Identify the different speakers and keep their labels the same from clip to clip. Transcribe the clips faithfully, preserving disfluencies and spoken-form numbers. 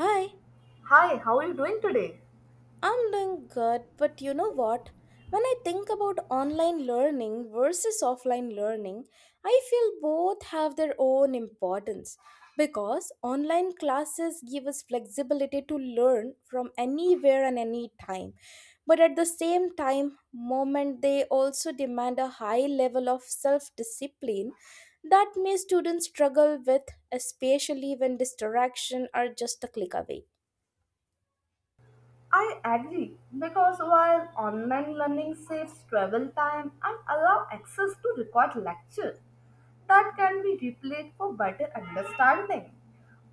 Speaker 1: Hi,
Speaker 2: Hi, how are you doing today?
Speaker 1: I'm doing good, but you know what? When I think about online learning versus offline learning, I feel both have their own importance because online classes give us flexibility to learn from anywhere and any time. But at the same time, moment they also demand a high level of self-discipline that may students struggle with, especially when distraction are just a click away.
Speaker 2: I agree because while online learning saves travel time and allow access to record lecture that can be replayed for better understanding.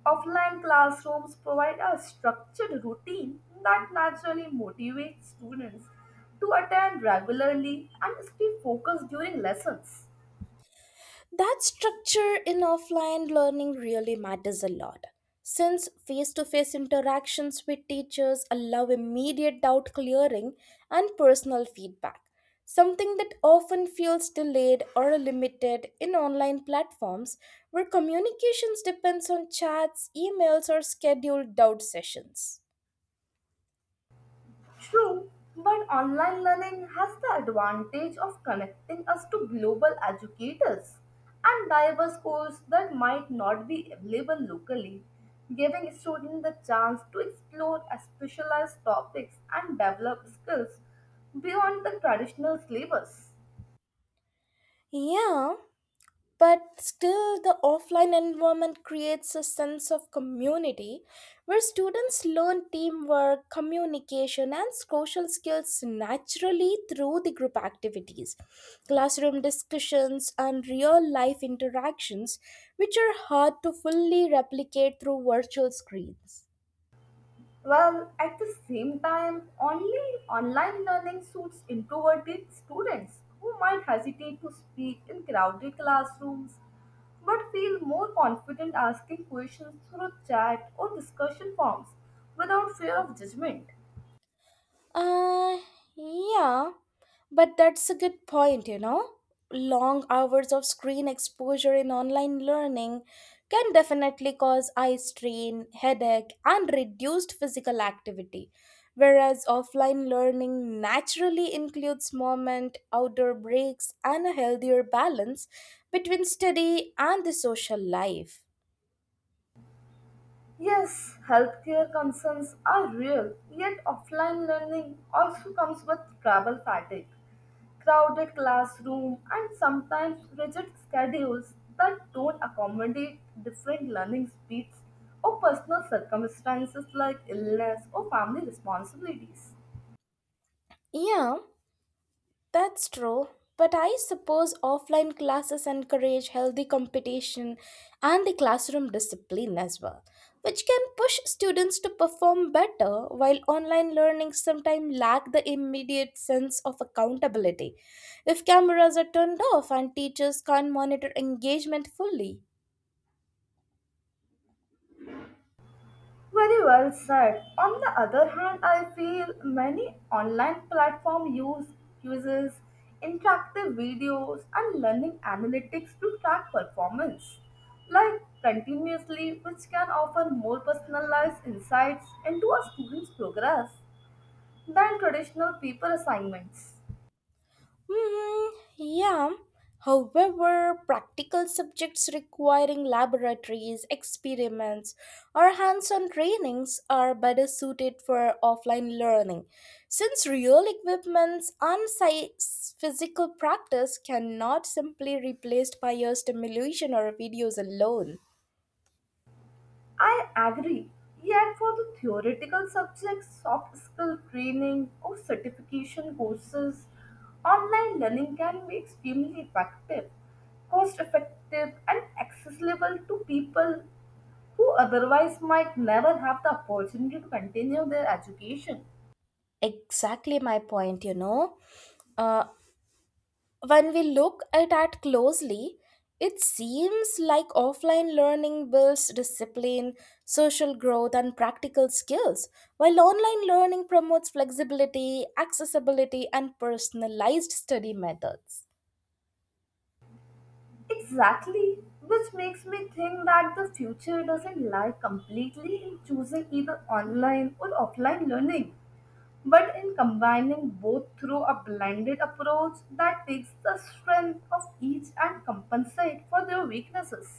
Speaker 2: Offline classrooms provide a structured routine that naturally motivates students to attend regularly and stay focused during lessons.
Speaker 1: That structure in offline learning really matters a lot. Since face to face interactions with teachers allow immediate doubt clearing and personal feedback, something that often feels delayed or limited in online platforms where communications depends on chats, emails, or scheduled doubt sessions.
Speaker 2: True, but online learning has the advantage of connecting us to global educators and diverse courses that might not be available locally, giving students the chance to explore specialized topics and develop skills beyond the traditional syllabus.
Speaker 1: Yeah, but still, the offline environment creates a sense of community where students learn teamwork, communication, and social skills naturally through the group activities, classroom discussions, and real life interactions, which are hard to fully replicate through virtual screens.
Speaker 2: Well, at the same time, only online learning suits introverted students who might hesitate to speak in crowded classrooms but feel more confident asking questions through chat or discussion forums without fear of judgment.
Speaker 1: Uh, yeah, but that's a good point, you know. Long hours of screen exposure in online learning can definitely cause eye strain, headache, and reduced physical activity. Whereas offline learning naturally includes movement, outdoor breaks, and a healthier balance between study and the social life.
Speaker 2: Yes, healthcare concerns are real, yet offline learning also comes with travel fatigue, crowded classroom, and sometimes rigid schedules that don't accommodate different learning speeds or personal circumstances like illness or family responsibilities.
Speaker 1: Yeah, that's true, but I suppose offline classes encourage healthy competition and the classroom discipline as well, which can push students to perform better while online learning sometimes lack the immediate sense of accountability if cameras are turned off and teachers can't monitor engagement fully.
Speaker 2: Very well said. On the other hand, I feel many online platform use uses interactive videos and learning analytics to track performance, like continuously, which can offer more personalized insights into a student's progress than traditional paper assignments.
Speaker 1: Hmm. Yeah. However, practical subjects requiring laboratories, experiments, or hands on trainings are better suited for offline learning, since real equipments and sci- physical practice cannot simply replaced by your stimulation or videos alone.
Speaker 2: I agree. Yet for the theoretical subjects, soft skill training or certification courses, online learning can be extremely effective, cost effective, and accessible to people who otherwise might never have the opportunity to continue their education.
Speaker 1: Exactly my point, you know. Uh, when we look at it closely, it seems like offline learning builds discipline, social growth, and practical skills, while online learning promotes flexibility, accessibility, and personalized study methods.
Speaker 2: Exactly, which makes me think that the future doesn't lie completely in choosing either online or offline learning, but in combining both through a blended approach that takes the strength of each and compensate for their weaknesses.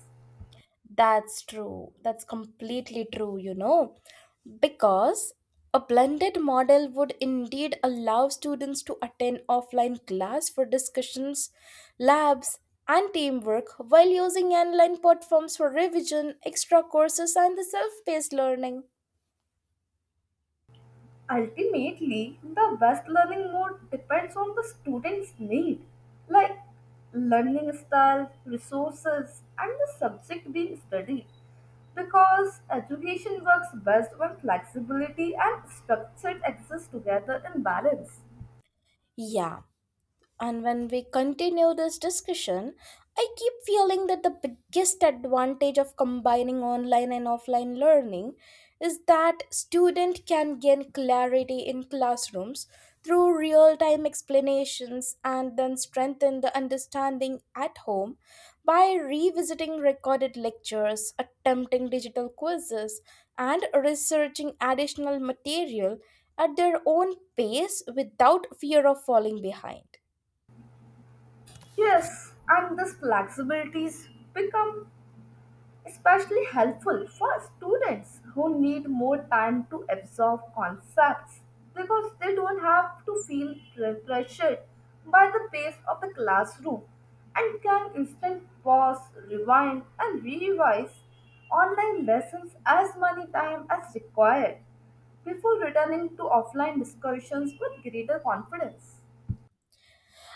Speaker 1: That's true. That's completely true, you know, because a blended model would indeed allow students to attend offline class for discussions, labs, and teamwork while using online platforms for revision, extra courses, and the self paced learning.
Speaker 2: Ultimately, the best learning mode depends on the student's need, like learning style, resources, and the subject being studied, because education works best when flexibility and structure exist together in balance.
Speaker 1: Yeah, and when we continue this discussion, I keep feeling that the biggest advantage of combining online and offline learning is that student can gain clarity in classrooms through real-time explanations and then strengthen the understanding at home by revisiting recorded lectures, attempting digital quizzes, and researching additional material at their own pace without fear of falling behind.
Speaker 2: Yes, and this flexibilities become especially helpful for students who need more time to absorb concepts because they don't have to feel pre- pressured by the pace of the classroom and can instead pause, rewind, and revise online lessons as many times as required before returning to offline discussions with greater confidence.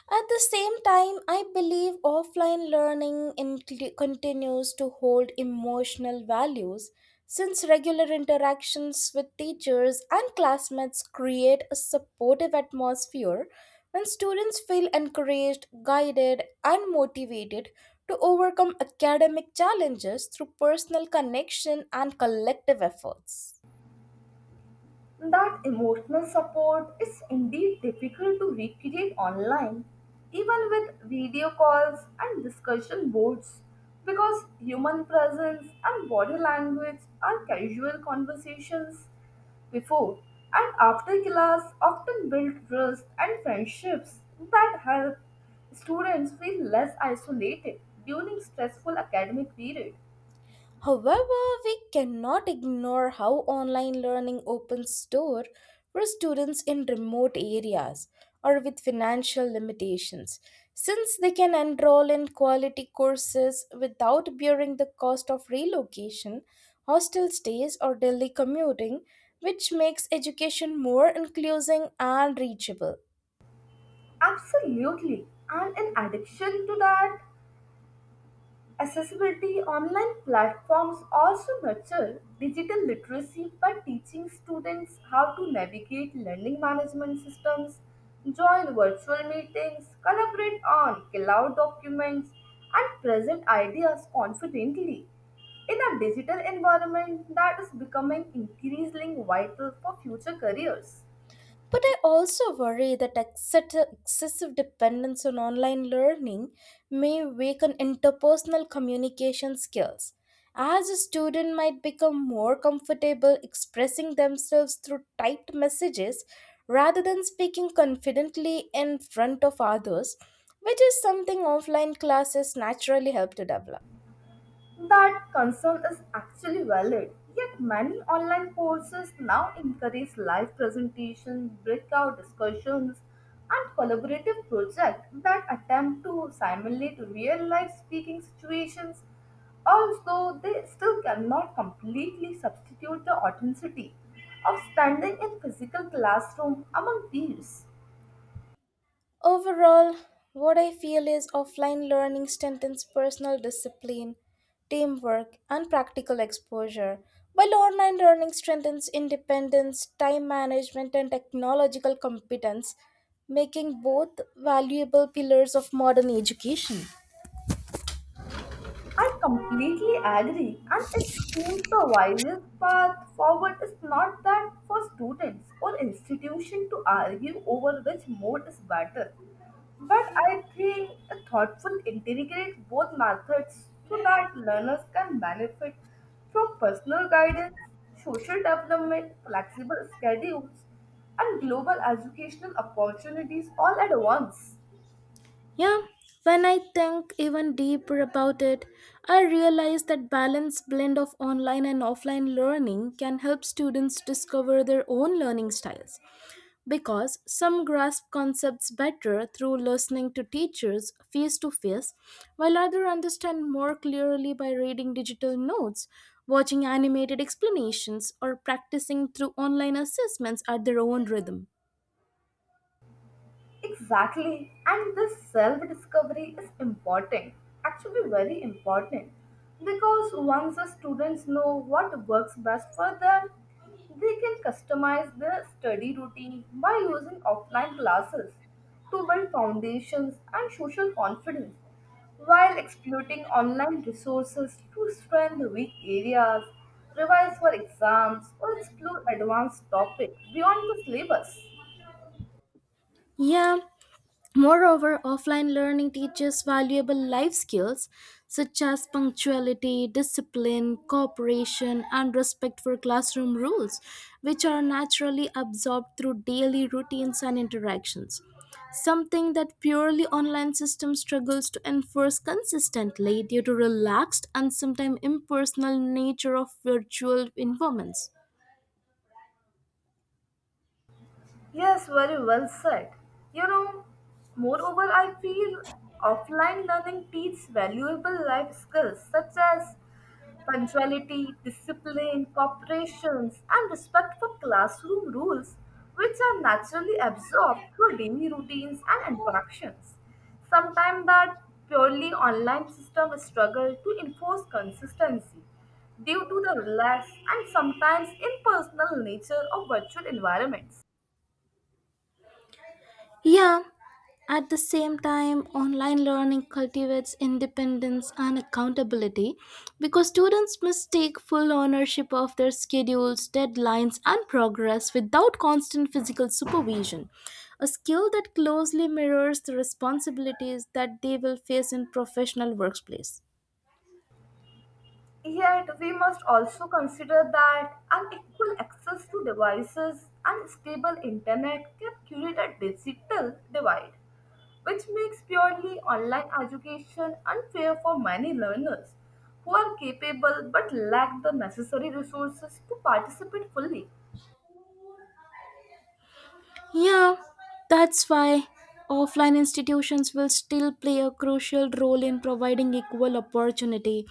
Speaker 1: At the same time, I believe offline learning inclu- continues to hold emotional values since regular interactions with teachers and classmates create a supportive atmosphere when students feel encouraged, guided, and motivated to overcome academic challenges through personal connection and collective efforts.
Speaker 2: That emotional support is indeed difficult to recreate online, even with video calls and discussion boards, because human presence and body language are casual conversations before and after class often build trust and friendships that help students feel less isolated during stressful academic period.
Speaker 1: However, we cannot ignore how online learning opens door for students in remote areas or with financial limitations, since they can enroll in quality courses without bearing the cost of relocation, hostel stays, or daily commuting, which makes education more inclusive and reachable.
Speaker 2: Absolutely. And in addition to that, accessibility online platforms also nurture digital literacy by teaching students how to navigate learning management systems, join virtual meetings, collaborate on cloud documents, and present ideas confidently in a digital environment that is becoming increasingly vital for future careers.
Speaker 1: But I also worry that excess- excessive dependence on online learning may weaken interpersonal communication skills, as a student might become more comfortable expressing themselves through typed messages rather than speaking confidently in front of others, which is something offline classes naturally help to develop.
Speaker 2: That concern is actually valid, yet many online courses now encourage live presentation, breakout discussions, and collaborative projects that attempt to simulate real-life speaking situations. Although they still cannot completely substitute the authenticity of standing in physical classroom among peers.
Speaker 1: Overall, what I feel is offline learning strengthens personal discipline, teamwork, and practical exposure, while online learning strengthens independence, time management, and technological competence, making both valuable pillars of modern education.
Speaker 2: I completely agree, and it seems the wisest path forward is not that for students or institution to argue over which mode is better, but I think a thoughtful integrate both methods so that learners can benefit from personal guidance, social development, flexible schedules, and global educational opportunities all at once.
Speaker 1: Yeah, when I think even deeper about it, I realize that balanced blend of online and offline learning can help students discover their own learning styles because some grasp concepts better through listening to teachers face to face, while others understand more clearly by reading digital notes, watching animated explanations, or practicing through online assessments at their own rhythm.
Speaker 2: Exactly. And this self discovery is important, actually, very important. Because once the students know what works best for them, they can customize their study routine by using offline classes to build foundations and social confidence while exploiting online resources to strengthen weak areas, revise for exams, or explore advanced topics beyond the syllabus.
Speaker 1: Yeah, moreover, offline learning teaches valuable life skills such as punctuality, discipline, cooperation, and respect for classroom rules, which are naturally absorbed through daily routines and interactions. Something that purely online system struggles to enforce consistently due to relaxed and sometimes impersonal nature of virtual environments.
Speaker 2: Yes, very well said. You know, moreover, I feel offline learning teaches valuable life skills such as punctuality, discipline, cooperation, and respect for classroom rules, which are naturally absorbed through daily routines and interactions. Sometimes that purely online system struggle to enforce consistency due to the relaxed and sometimes impersonal nature of virtual environments.
Speaker 1: Yeah, at the same time, online learning cultivates independence and accountability because students must take full ownership of their schedules, deadlines, and progress without constant physical supervision. A skill that closely mirrors the responsibilities that they will face in professional workplace.
Speaker 2: Yet, we must also consider that unequal access to devices and stable internet can create a digital divide, which makes purely online education unfair for many learners who are capable but lack the necessary resources to participate fully.
Speaker 1: Yeah, that's why offline institutions will still play a crucial role in providing equal opportunity,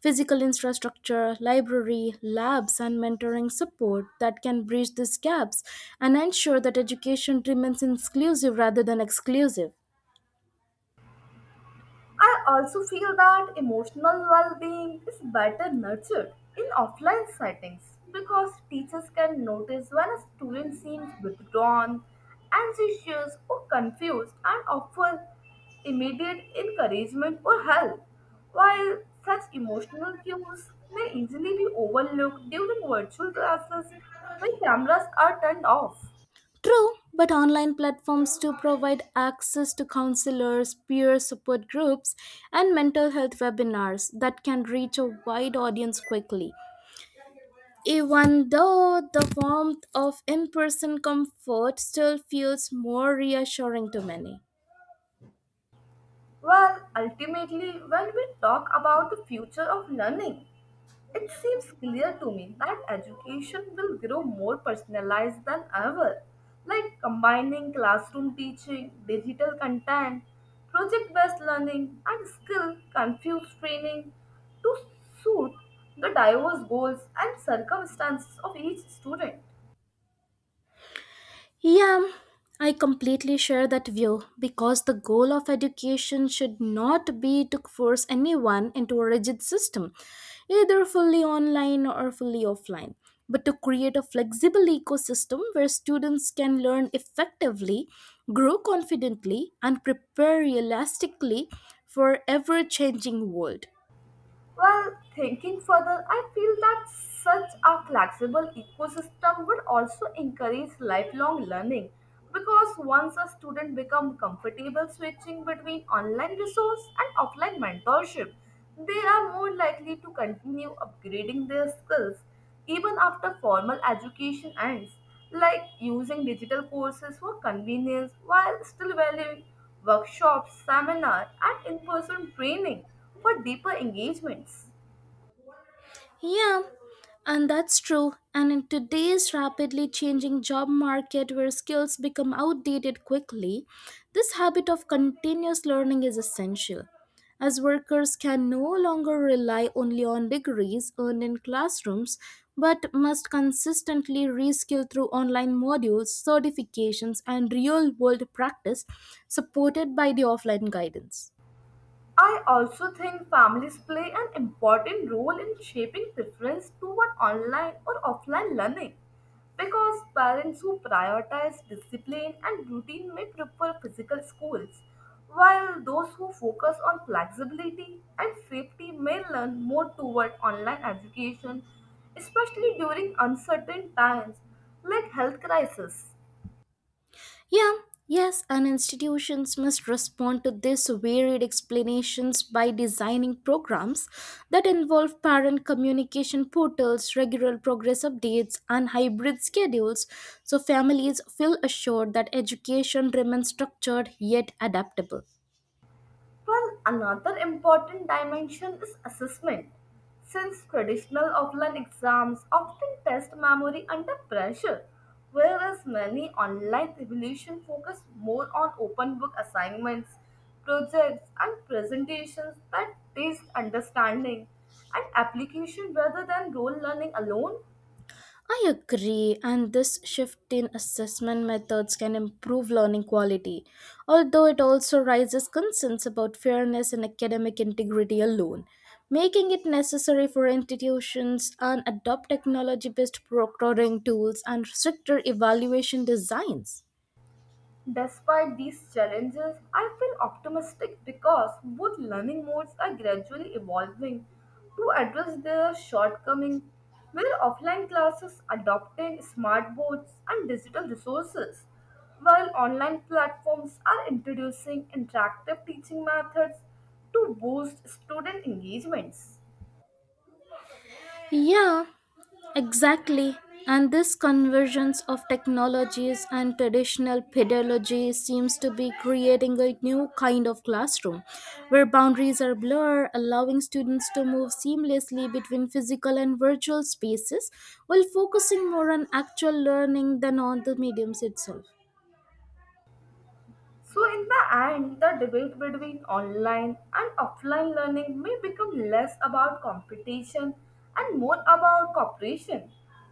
Speaker 1: physical infrastructure, library, labs, and mentoring support that can bridge these gaps and ensure that education remains inclusive rather than exclusive.
Speaker 2: I also feel that emotional well-being is better nurtured in offline settings because teachers can notice when a student seems withdrawn, anxious or confused and offer immediate encouragement or help, while such emotional cues may easily be overlooked during virtual classes when cameras are turned off.
Speaker 1: True, but online platforms do provide access to counselors, peer support groups, and mental health webinars that can reach a wide audience quickly. Even though the warmth of in person comfort still feels more reassuring to many.
Speaker 2: Well, ultimately, when we talk about the future of learning, it seems clear to me that education will grow more personalized than ever, like combining classroom teaching, digital content, project based learning, and skill confused training to suit the diverse goals and circumstances of each student.
Speaker 1: Yeah, I completely share that view because the goal of education should not be to force anyone into a rigid system, either fully online or fully offline, but to create a flexible ecosystem where students can learn effectively, grow confidently, and prepare realistically for ever changing world.
Speaker 2: Well, thinking further, I feel that such a flexible ecosystem would also encourage lifelong learning because once a student becomes comfortable switching between online resource and offline mentorship, they are more likely to continue upgrading their skills even after formal education ends, like using digital courses for convenience while still valuing workshops, seminars, and in person training for deeper engagements.
Speaker 1: Yeah, and that's true. And in today's rapidly changing job market where skills become outdated quickly, this habit of continuous learning is essential. As workers can no longer rely only on degrees earned in classrooms, but must consistently reskill through online modules, certifications, and real world practice supported by the offline guidance.
Speaker 2: I also think families play an important role in shaping preference toward online or offline learning because parents who prioritize discipline and routine may prefer physical schools, while those who focus on flexibility and safety may learn more toward online education, especially during uncertain times like health crisis.
Speaker 1: Yeah, yes, and institutions must respond to this varied explanations by designing programs that involve parent communication portals, regular progress updates, and hybrid schedules so families feel assured that education remains structured yet adaptable.
Speaker 2: Well, another important dimension is assessment, since traditional offline exams often test memory under pressure, whereas many online evaluations focus more on open book assignments, projects, and presentations that test understanding and application rather than role learning alone.
Speaker 1: I agree, and this shift in assessment methods can improve learning quality, although it also raises concerns about fairness and academic integrity alone, making it necessary for institutions and adopt technology based proctoring tools and stricter evaluation designs.
Speaker 2: Despite these challenges, I feel optimistic because both learning modes are gradually evolving to address their shortcomings, with offline classes adopting smart boards and digital resources, while online platforms are introducing interactive teaching methods to boost student engagements.
Speaker 1: Yeah, exactly. And this convergence of technologies and traditional pedagogy seems to be creating a new kind of classroom where boundaries are blurred, allowing students to move seamlessly between physical and virtual spaces while focusing more on actual learning than on the mediums itself.
Speaker 2: So, in the end, the debate between online and offline learning may become less about competition and more about cooperation,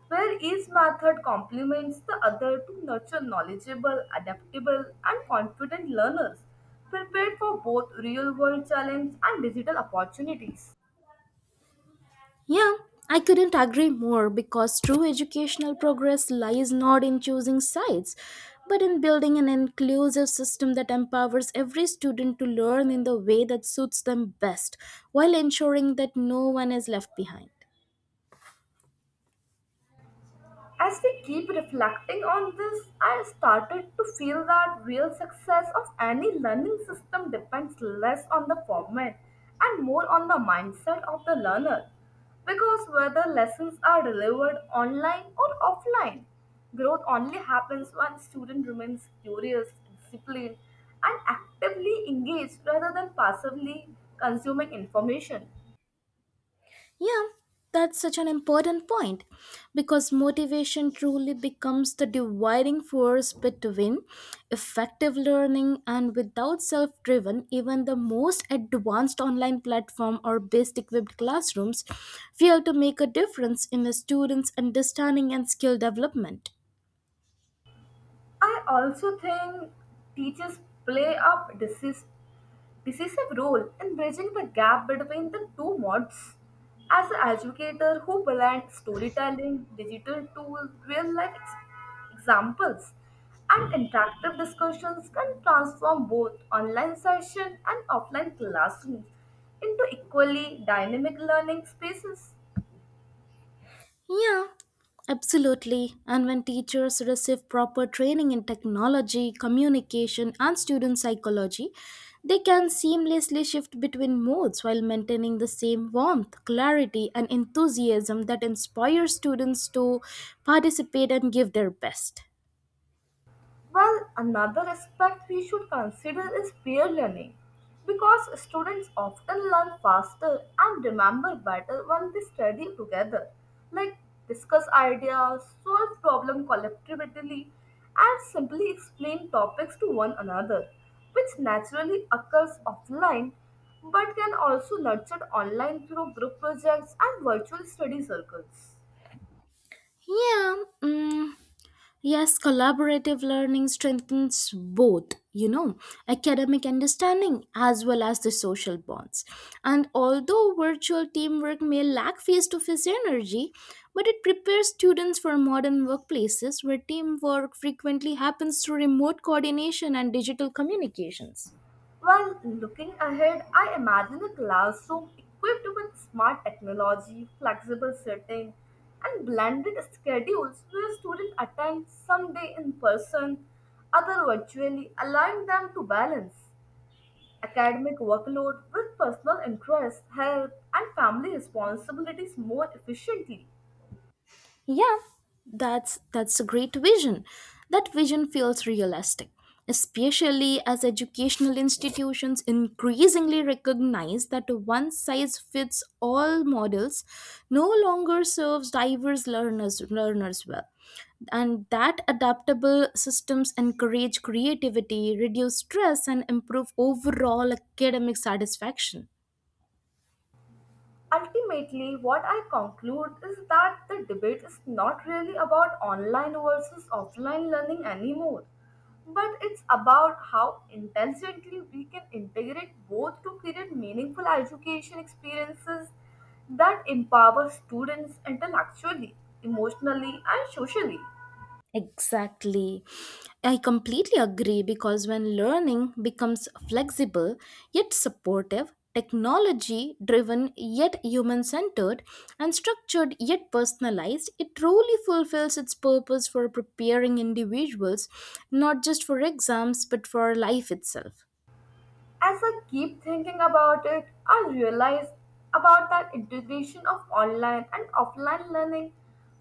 Speaker 2: where each method complements the other to nurture knowledgeable, adaptable, and confident learners prepared for both real world challenges and digital opportunities.
Speaker 1: Yeah, I couldn't agree more because true educational progress lies not in choosing sides, but in building an inclusive system that empowers every student to learn in the way that suits them best while ensuring that no one is left behind.
Speaker 2: As we keep reflecting on this, I started to feel that real success of any learning system depends less on the format and more on the mindset of the learner. Because whether lessons are delivered online or offline, growth only happens when student remains curious, disciplined, and actively engaged rather than passively consuming information.
Speaker 1: Yeah, that's such an important point because motivation truly becomes the dividing force between effective learning and without self driven, even the most advanced online platform or best equipped classrooms fail to make a difference in a student's understanding and skill development.
Speaker 2: I also think teachers play a decis- decisive role in bridging the gap between the two modes. As an educator who blends storytelling, digital tools, real life ex- examples, and interactive discussions can transform both online sessions and offline classrooms into equally dynamic learning spaces.
Speaker 1: Yeah, absolutely. And when teachers receive proper training in technology, communication, and student psychology, they can seamlessly shift between modes while maintaining the same warmth, clarity, and enthusiasm that inspires students to participate and give their best.
Speaker 2: Well, another aspect we should consider is peer learning because students often learn faster and remember better when they study together, like discuss ideas, solve problems collectively, and simply explain topics to one another, which naturally occurs offline but can also nurtured online through group projects and virtual study circles.
Speaker 1: Yeah, mm, yes, collaborative learning strengthens both, you know, academic understanding as well as the social bonds. And although virtual teamwork may lack face to face energy, but it prepares students for modern workplaces where teamwork frequently happens through remote coordination and digital communications.
Speaker 2: Well, looking ahead, I imagine a classroom equipped with smart technology, flexible seating, and blended schedules where students attend some day in person, other virtually, allowing them to balance academic workload with personal interests, health, and family responsibilities more efficiently.
Speaker 1: Yeah, that's that's a great vision. That vision feels realistic, especially as educational institutions increasingly recognize that a one size fits all models no longer serves diverse learners learners well. And that adaptable systems encourage creativity, reduce stress and improve overall academic satisfaction.
Speaker 2: Ultimately, what I conclude is that the debate is not really about online versus offline learning anymore, but it's about how intelligently we can integrate both to create meaningful education experiences that empower students intellectually, emotionally, and socially.
Speaker 1: Exactly. I completely agree because when learning becomes flexible yet supportive, technology driven yet human centered, and structured yet personalized, it truly fulfills its purpose for preparing individuals not just for exams but for life itself.
Speaker 2: As I keep thinking about it, I realize about that integration of online and offline learning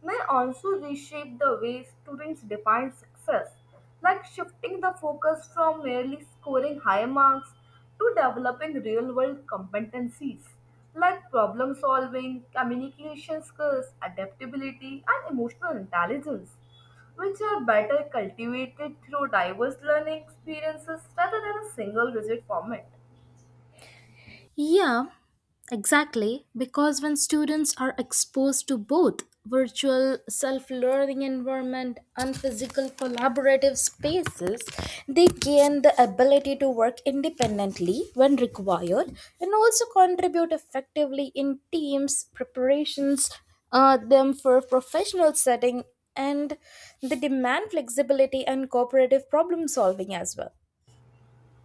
Speaker 2: may also reshape the way students define success, like shifting the focus from merely scoring high marks to developing real-world competencies like problem solving, communication skills, adaptability, and emotional intelligence which are better cultivated through diverse learning experiences rather than a single rigid format.
Speaker 1: Yeah, exactly. Because when students are exposed to both virtual self-learning environment and physical collaborative spaces, they gain the ability to work independently when required and also contribute effectively in teams preparations uh, them for professional setting and they demand flexibility and cooperative problem solving as well.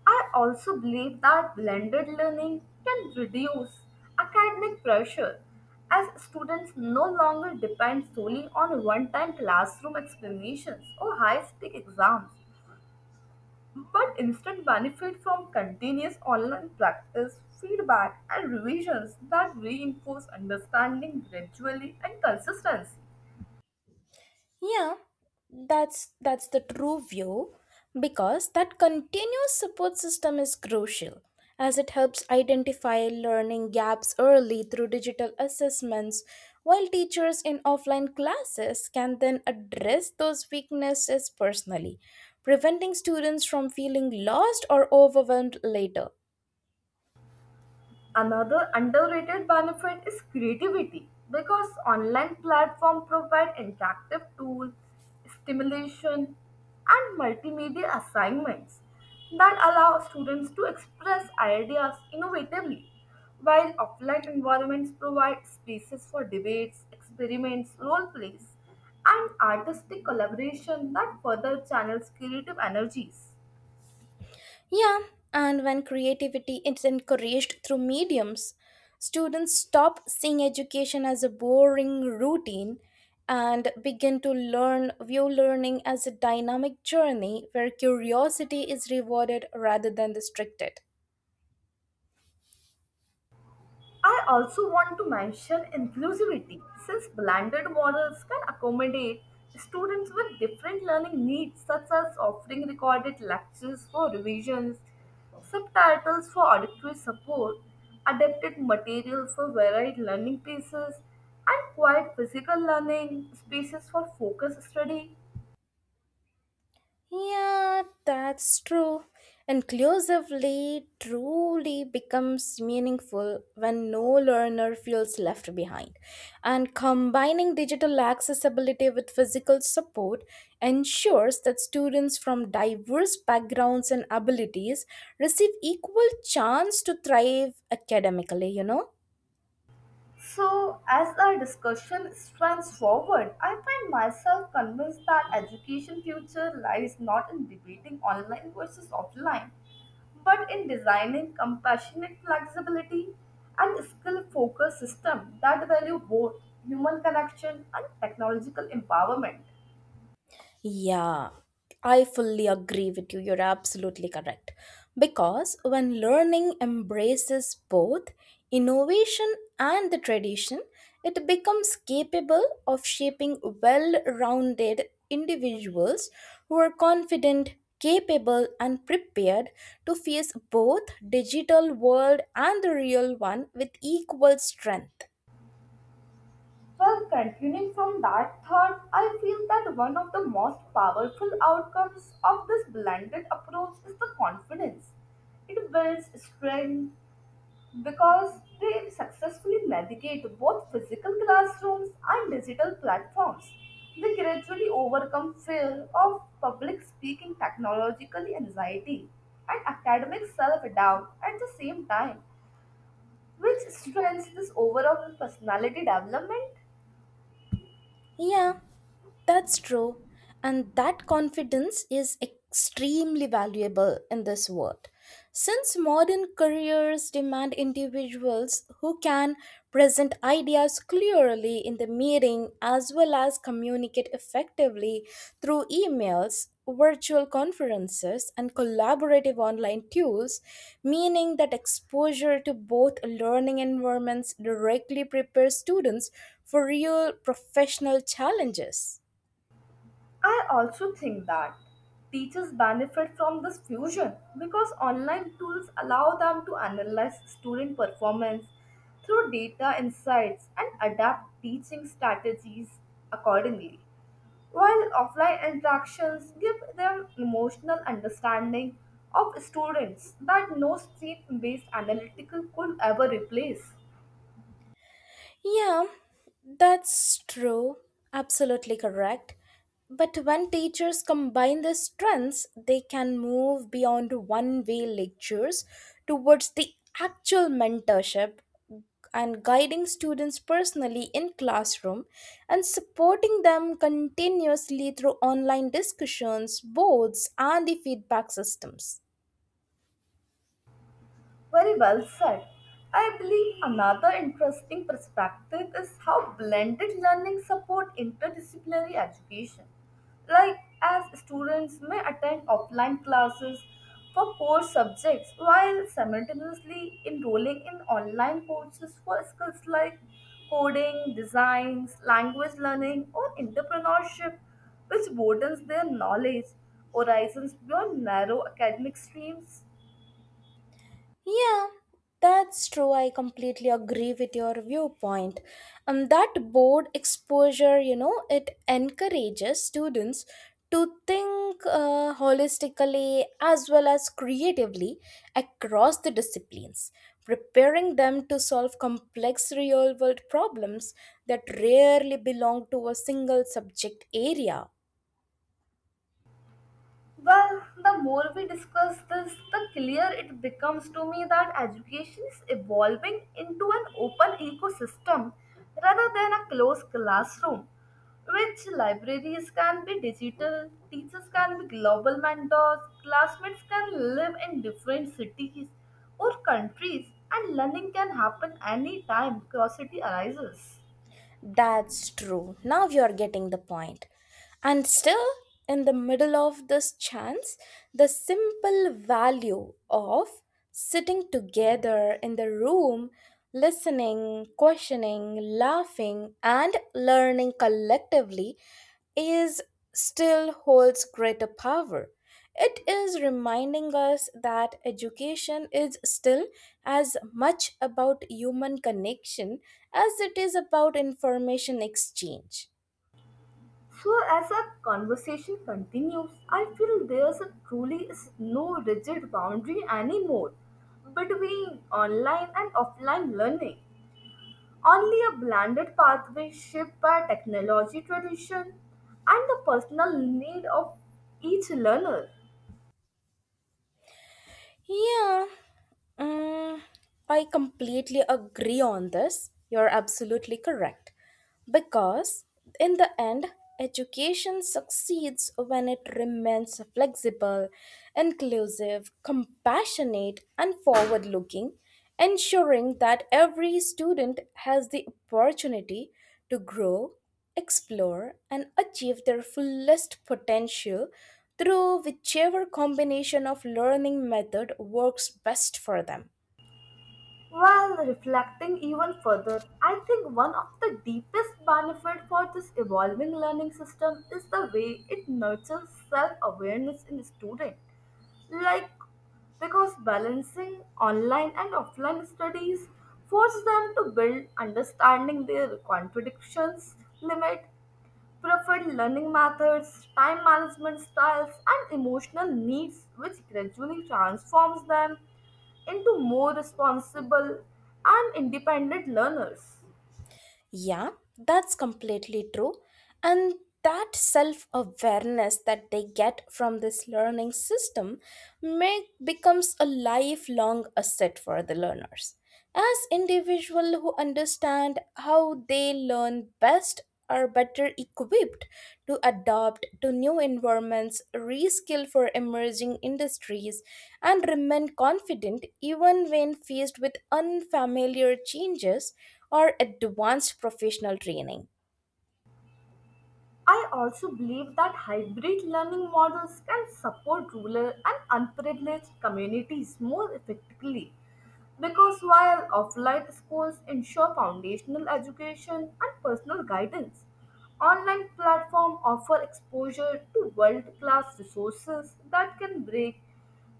Speaker 2: I also believe that blended learning can reduce academic pressure as students no longer depend solely on one time classroom explanations or high stake exams, but instead benefit from continuous online practice, feedback, and revisions that reinforce understanding gradually and consistency.
Speaker 1: Yeah, that's that's the true view because that continuous support system is crucial as it helps identify learning gaps early through digital assessments while teachers in offline classes can then address those weaknesses personally preventing students from feeling lost or overwhelmed later.
Speaker 2: Another underrated benefit is creativity because online platforms provide interactive tools, stimulation, and multimedia assignments that allow students to express ideas innovatively, while offline environments provide spaces for debates, experiments, role plays, and artistic collaboration that further channels creative energies.
Speaker 1: Yeah, and when creativity is encouraged through mediums, students stop seeing education as a boring routine and begin to learn view learning as a dynamic journey where curiosity is rewarded rather than restricted.
Speaker 2: I also want to mention inclusivity, since blended models can accommodate students with different learning needs, such as offering recorded lectures for revisions, subtitles for auditory support, adapted material for varied learning pieces, and quiet physical learning spaces for focus study.
Speaker 1: Yeah, that's true. Inclusively truly becomes meaningful when no learner feels left behind. And combining digital accessibility with physical support ensures that students from diverse backgrounds and abilities receive equal chance to thrive academically, you know?
Speaker 2: So, as our discussion strands forward, I find myself convinced that education future lies not in debating online versus offline, but in designing compassionate flexibility and skill-focused system that value both human connection and technological empowerment.
Speaker 1: Yeah, I fully agree with you. You're absolutely correct. Because when learning embraces both innovation and the tradition, it becomes capable of shaping well rounded individuals who are confident, capable, and prepared to face both digital world and the real one with equal strength.
Speaker 2: Well, continuing from that thought, I feel that one of the most powerful outcomes of this blended approach is the confidence. It builds strength because they successfully navigate both physical classrooms and digital platforms. They gradually overcome fear of public speaking, technological anxiety, and academic self doubt at the same time, which strengthens this overall personality development.
Speaker 1: Yeah. That's true. And that confidence is extremely valuable in this world. Since modern careers demand individuals who can present ideas clearly in the meeting as well as communicate effectively through emails, virtual conferences, and collaborative online tools, meaning that exposure to both learning environments directly prepares students for real professional challenges.
Speaker 2: I also think that teachers benefit from this fusion because online tools allow them to analyze student performance through data insights and adapt teaching strategies accordingly, while offline interactions give them emotional understanding of students that no stream based analytical could ever replace.
Speaker 1: Yeah, that's true. Absolutely correct. But when teachers combine their strengths, they can move beyond one way lectures towards the actual mentorship and guiding students personally in classroom and supporting them continuously through online discussions, boards, and the feedback systems.
Speaker 2: Very well said. I believe another interesting perspective is how blended learning support interdisciplinary education. Like as students may attend offline classes for core subjects while simultaneously enrolling in online courses for skills like coding, designs, language learning or entrepreneurship which broadens their knowledge horizons beyond narrow academic streams.
Speaker 1: Yeah, that's true. I completely agree with your viewpoint. Um, that board exposure, you know, it encourages students to think uh, holistically as well as creatively across the disciplines, preparing them to solve complex real world problems that rarely belong to a single subject area.
Speaker 2: Well, the more we discuss this, the clearer it becomes to me that education is evolving into an open ecosystem rather than a closed classroom, which libraries can be digital, teachers can be global mentors, classmates can live in different cities or countries, and learning can happen anytime curiosity arises.
Speaker 1: That's true. Now you're getting the point. And still, in the middle of this chance, the simple value of sitting together in the room, listening, questioning, laughing, and learning collectively is still holds greater power. It is reminding us that education is still as much about human connection as it is about information exchange.
Speaker 2: So, as our conversation continues, I feel there's a truly is no rigid boundary anymore between online and offline learning. Only a blended pathway shaped by technology tradition and the personal need of each learner.
Speaker 1: Yeah, mm, I completely agree on this. You're absolutely correct. Because in the end, education succeeds when it remains flexible, inclusive, compassionate, and forward looking, ensuring that every student has the opportunity to grow explore, and achieve their fullest potential through whichever combination of learning method works best for them.
Speaker 2: While reflecting even further, I think one of the deepest benefits for this evolving learning system is the way it nurtures self-awareness in students. Like, because balancing online and offline studies force them to build understanding their contradictions, limit, preferred learning methods, time management styles, and emotional needs, which gradually transforms them into more responsible and independent learners.
Speaker 1: Yeah, that's completely true. And that self awareness that they get from this learning system make, becomes a lifelong asset for the learners. As individuals who understand how they learn best are better equipped to adapt to new environments, reskill for emerging industries, and remain confident even when faced with unfamiliar changes or advanced professional training.
Speaker 2: I also believe that hybrid learning models can support rural and unprivileged communities more effectively because while offline schools ensure foundational education and personal guidance, online platforms offer exposure to world-class resources that can break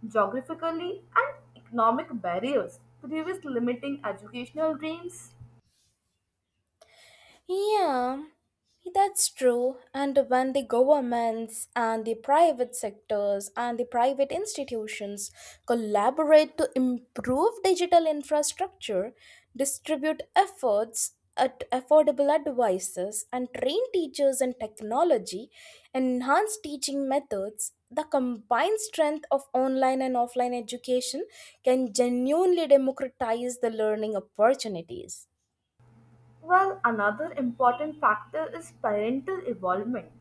Speaker 2: geographically and economic barriers, previous limiting educational dreams.
Speaker 1: Yeah, that's true. And when the governments and the private sectors and the private institutions collaborate to improve digital infrastructure, distribute efforts at affordable advices, and train teachers in technology, enhance teaching methods, the combined strength of online and offline education can genuinely democratize the learning opportunities.
Speaker 2: Well, another important factor is parental involvement,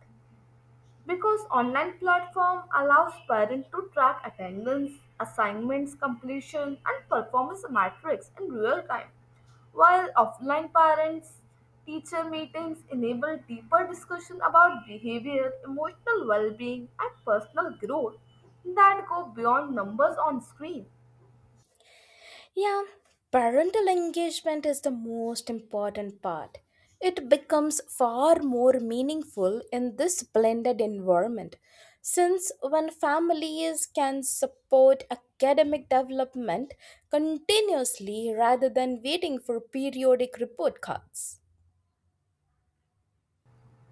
Speaker 2: because online platform allows parents to track attendance assignments completion and performance metrics in real time while offline parents teacher meetings enable deeper discussion about behavior emotional well-being and personal growth that go beyond numbers on screen.
Speaker 1: Yeah, parental engagement is the most important part. It becomes far more meaningful in this blended environment since when families can support academic development continuously rather than waiting for periodic report cards.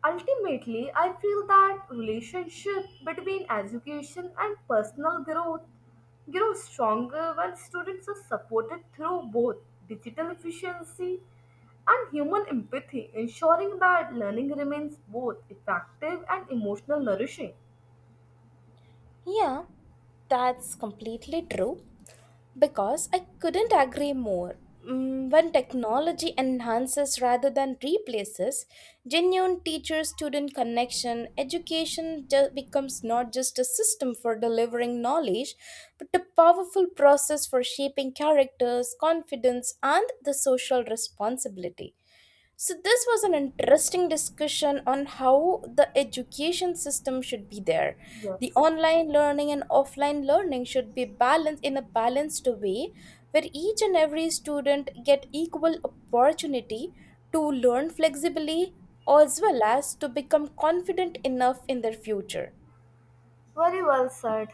Speaker 2: Ultimately, I feel that relationship between education and personal growth grows stronger when students are supported through both digital efficiency and human empathy, ensuring that learning remains both effective and emotional nourishing.
Speaker 1: Yeah, that's completely true. Because I couldn't agree more. Mm, When technology enhances rather than replaces genuine teacher student connection, education ju- becomes not just a system for delivering knowledge, but a powerful process for shaping characters, confidence, and the social responsibility. So, this was an interesting discussion on how the education system should be there. The
Speaker 2: Yes,
Speaker 1: online learning and offline learning should be balanced in a balanced way where each and every student get equal opportunity to learn flexibly as well as to become confident enough in their future.
Speaker 2: very well said.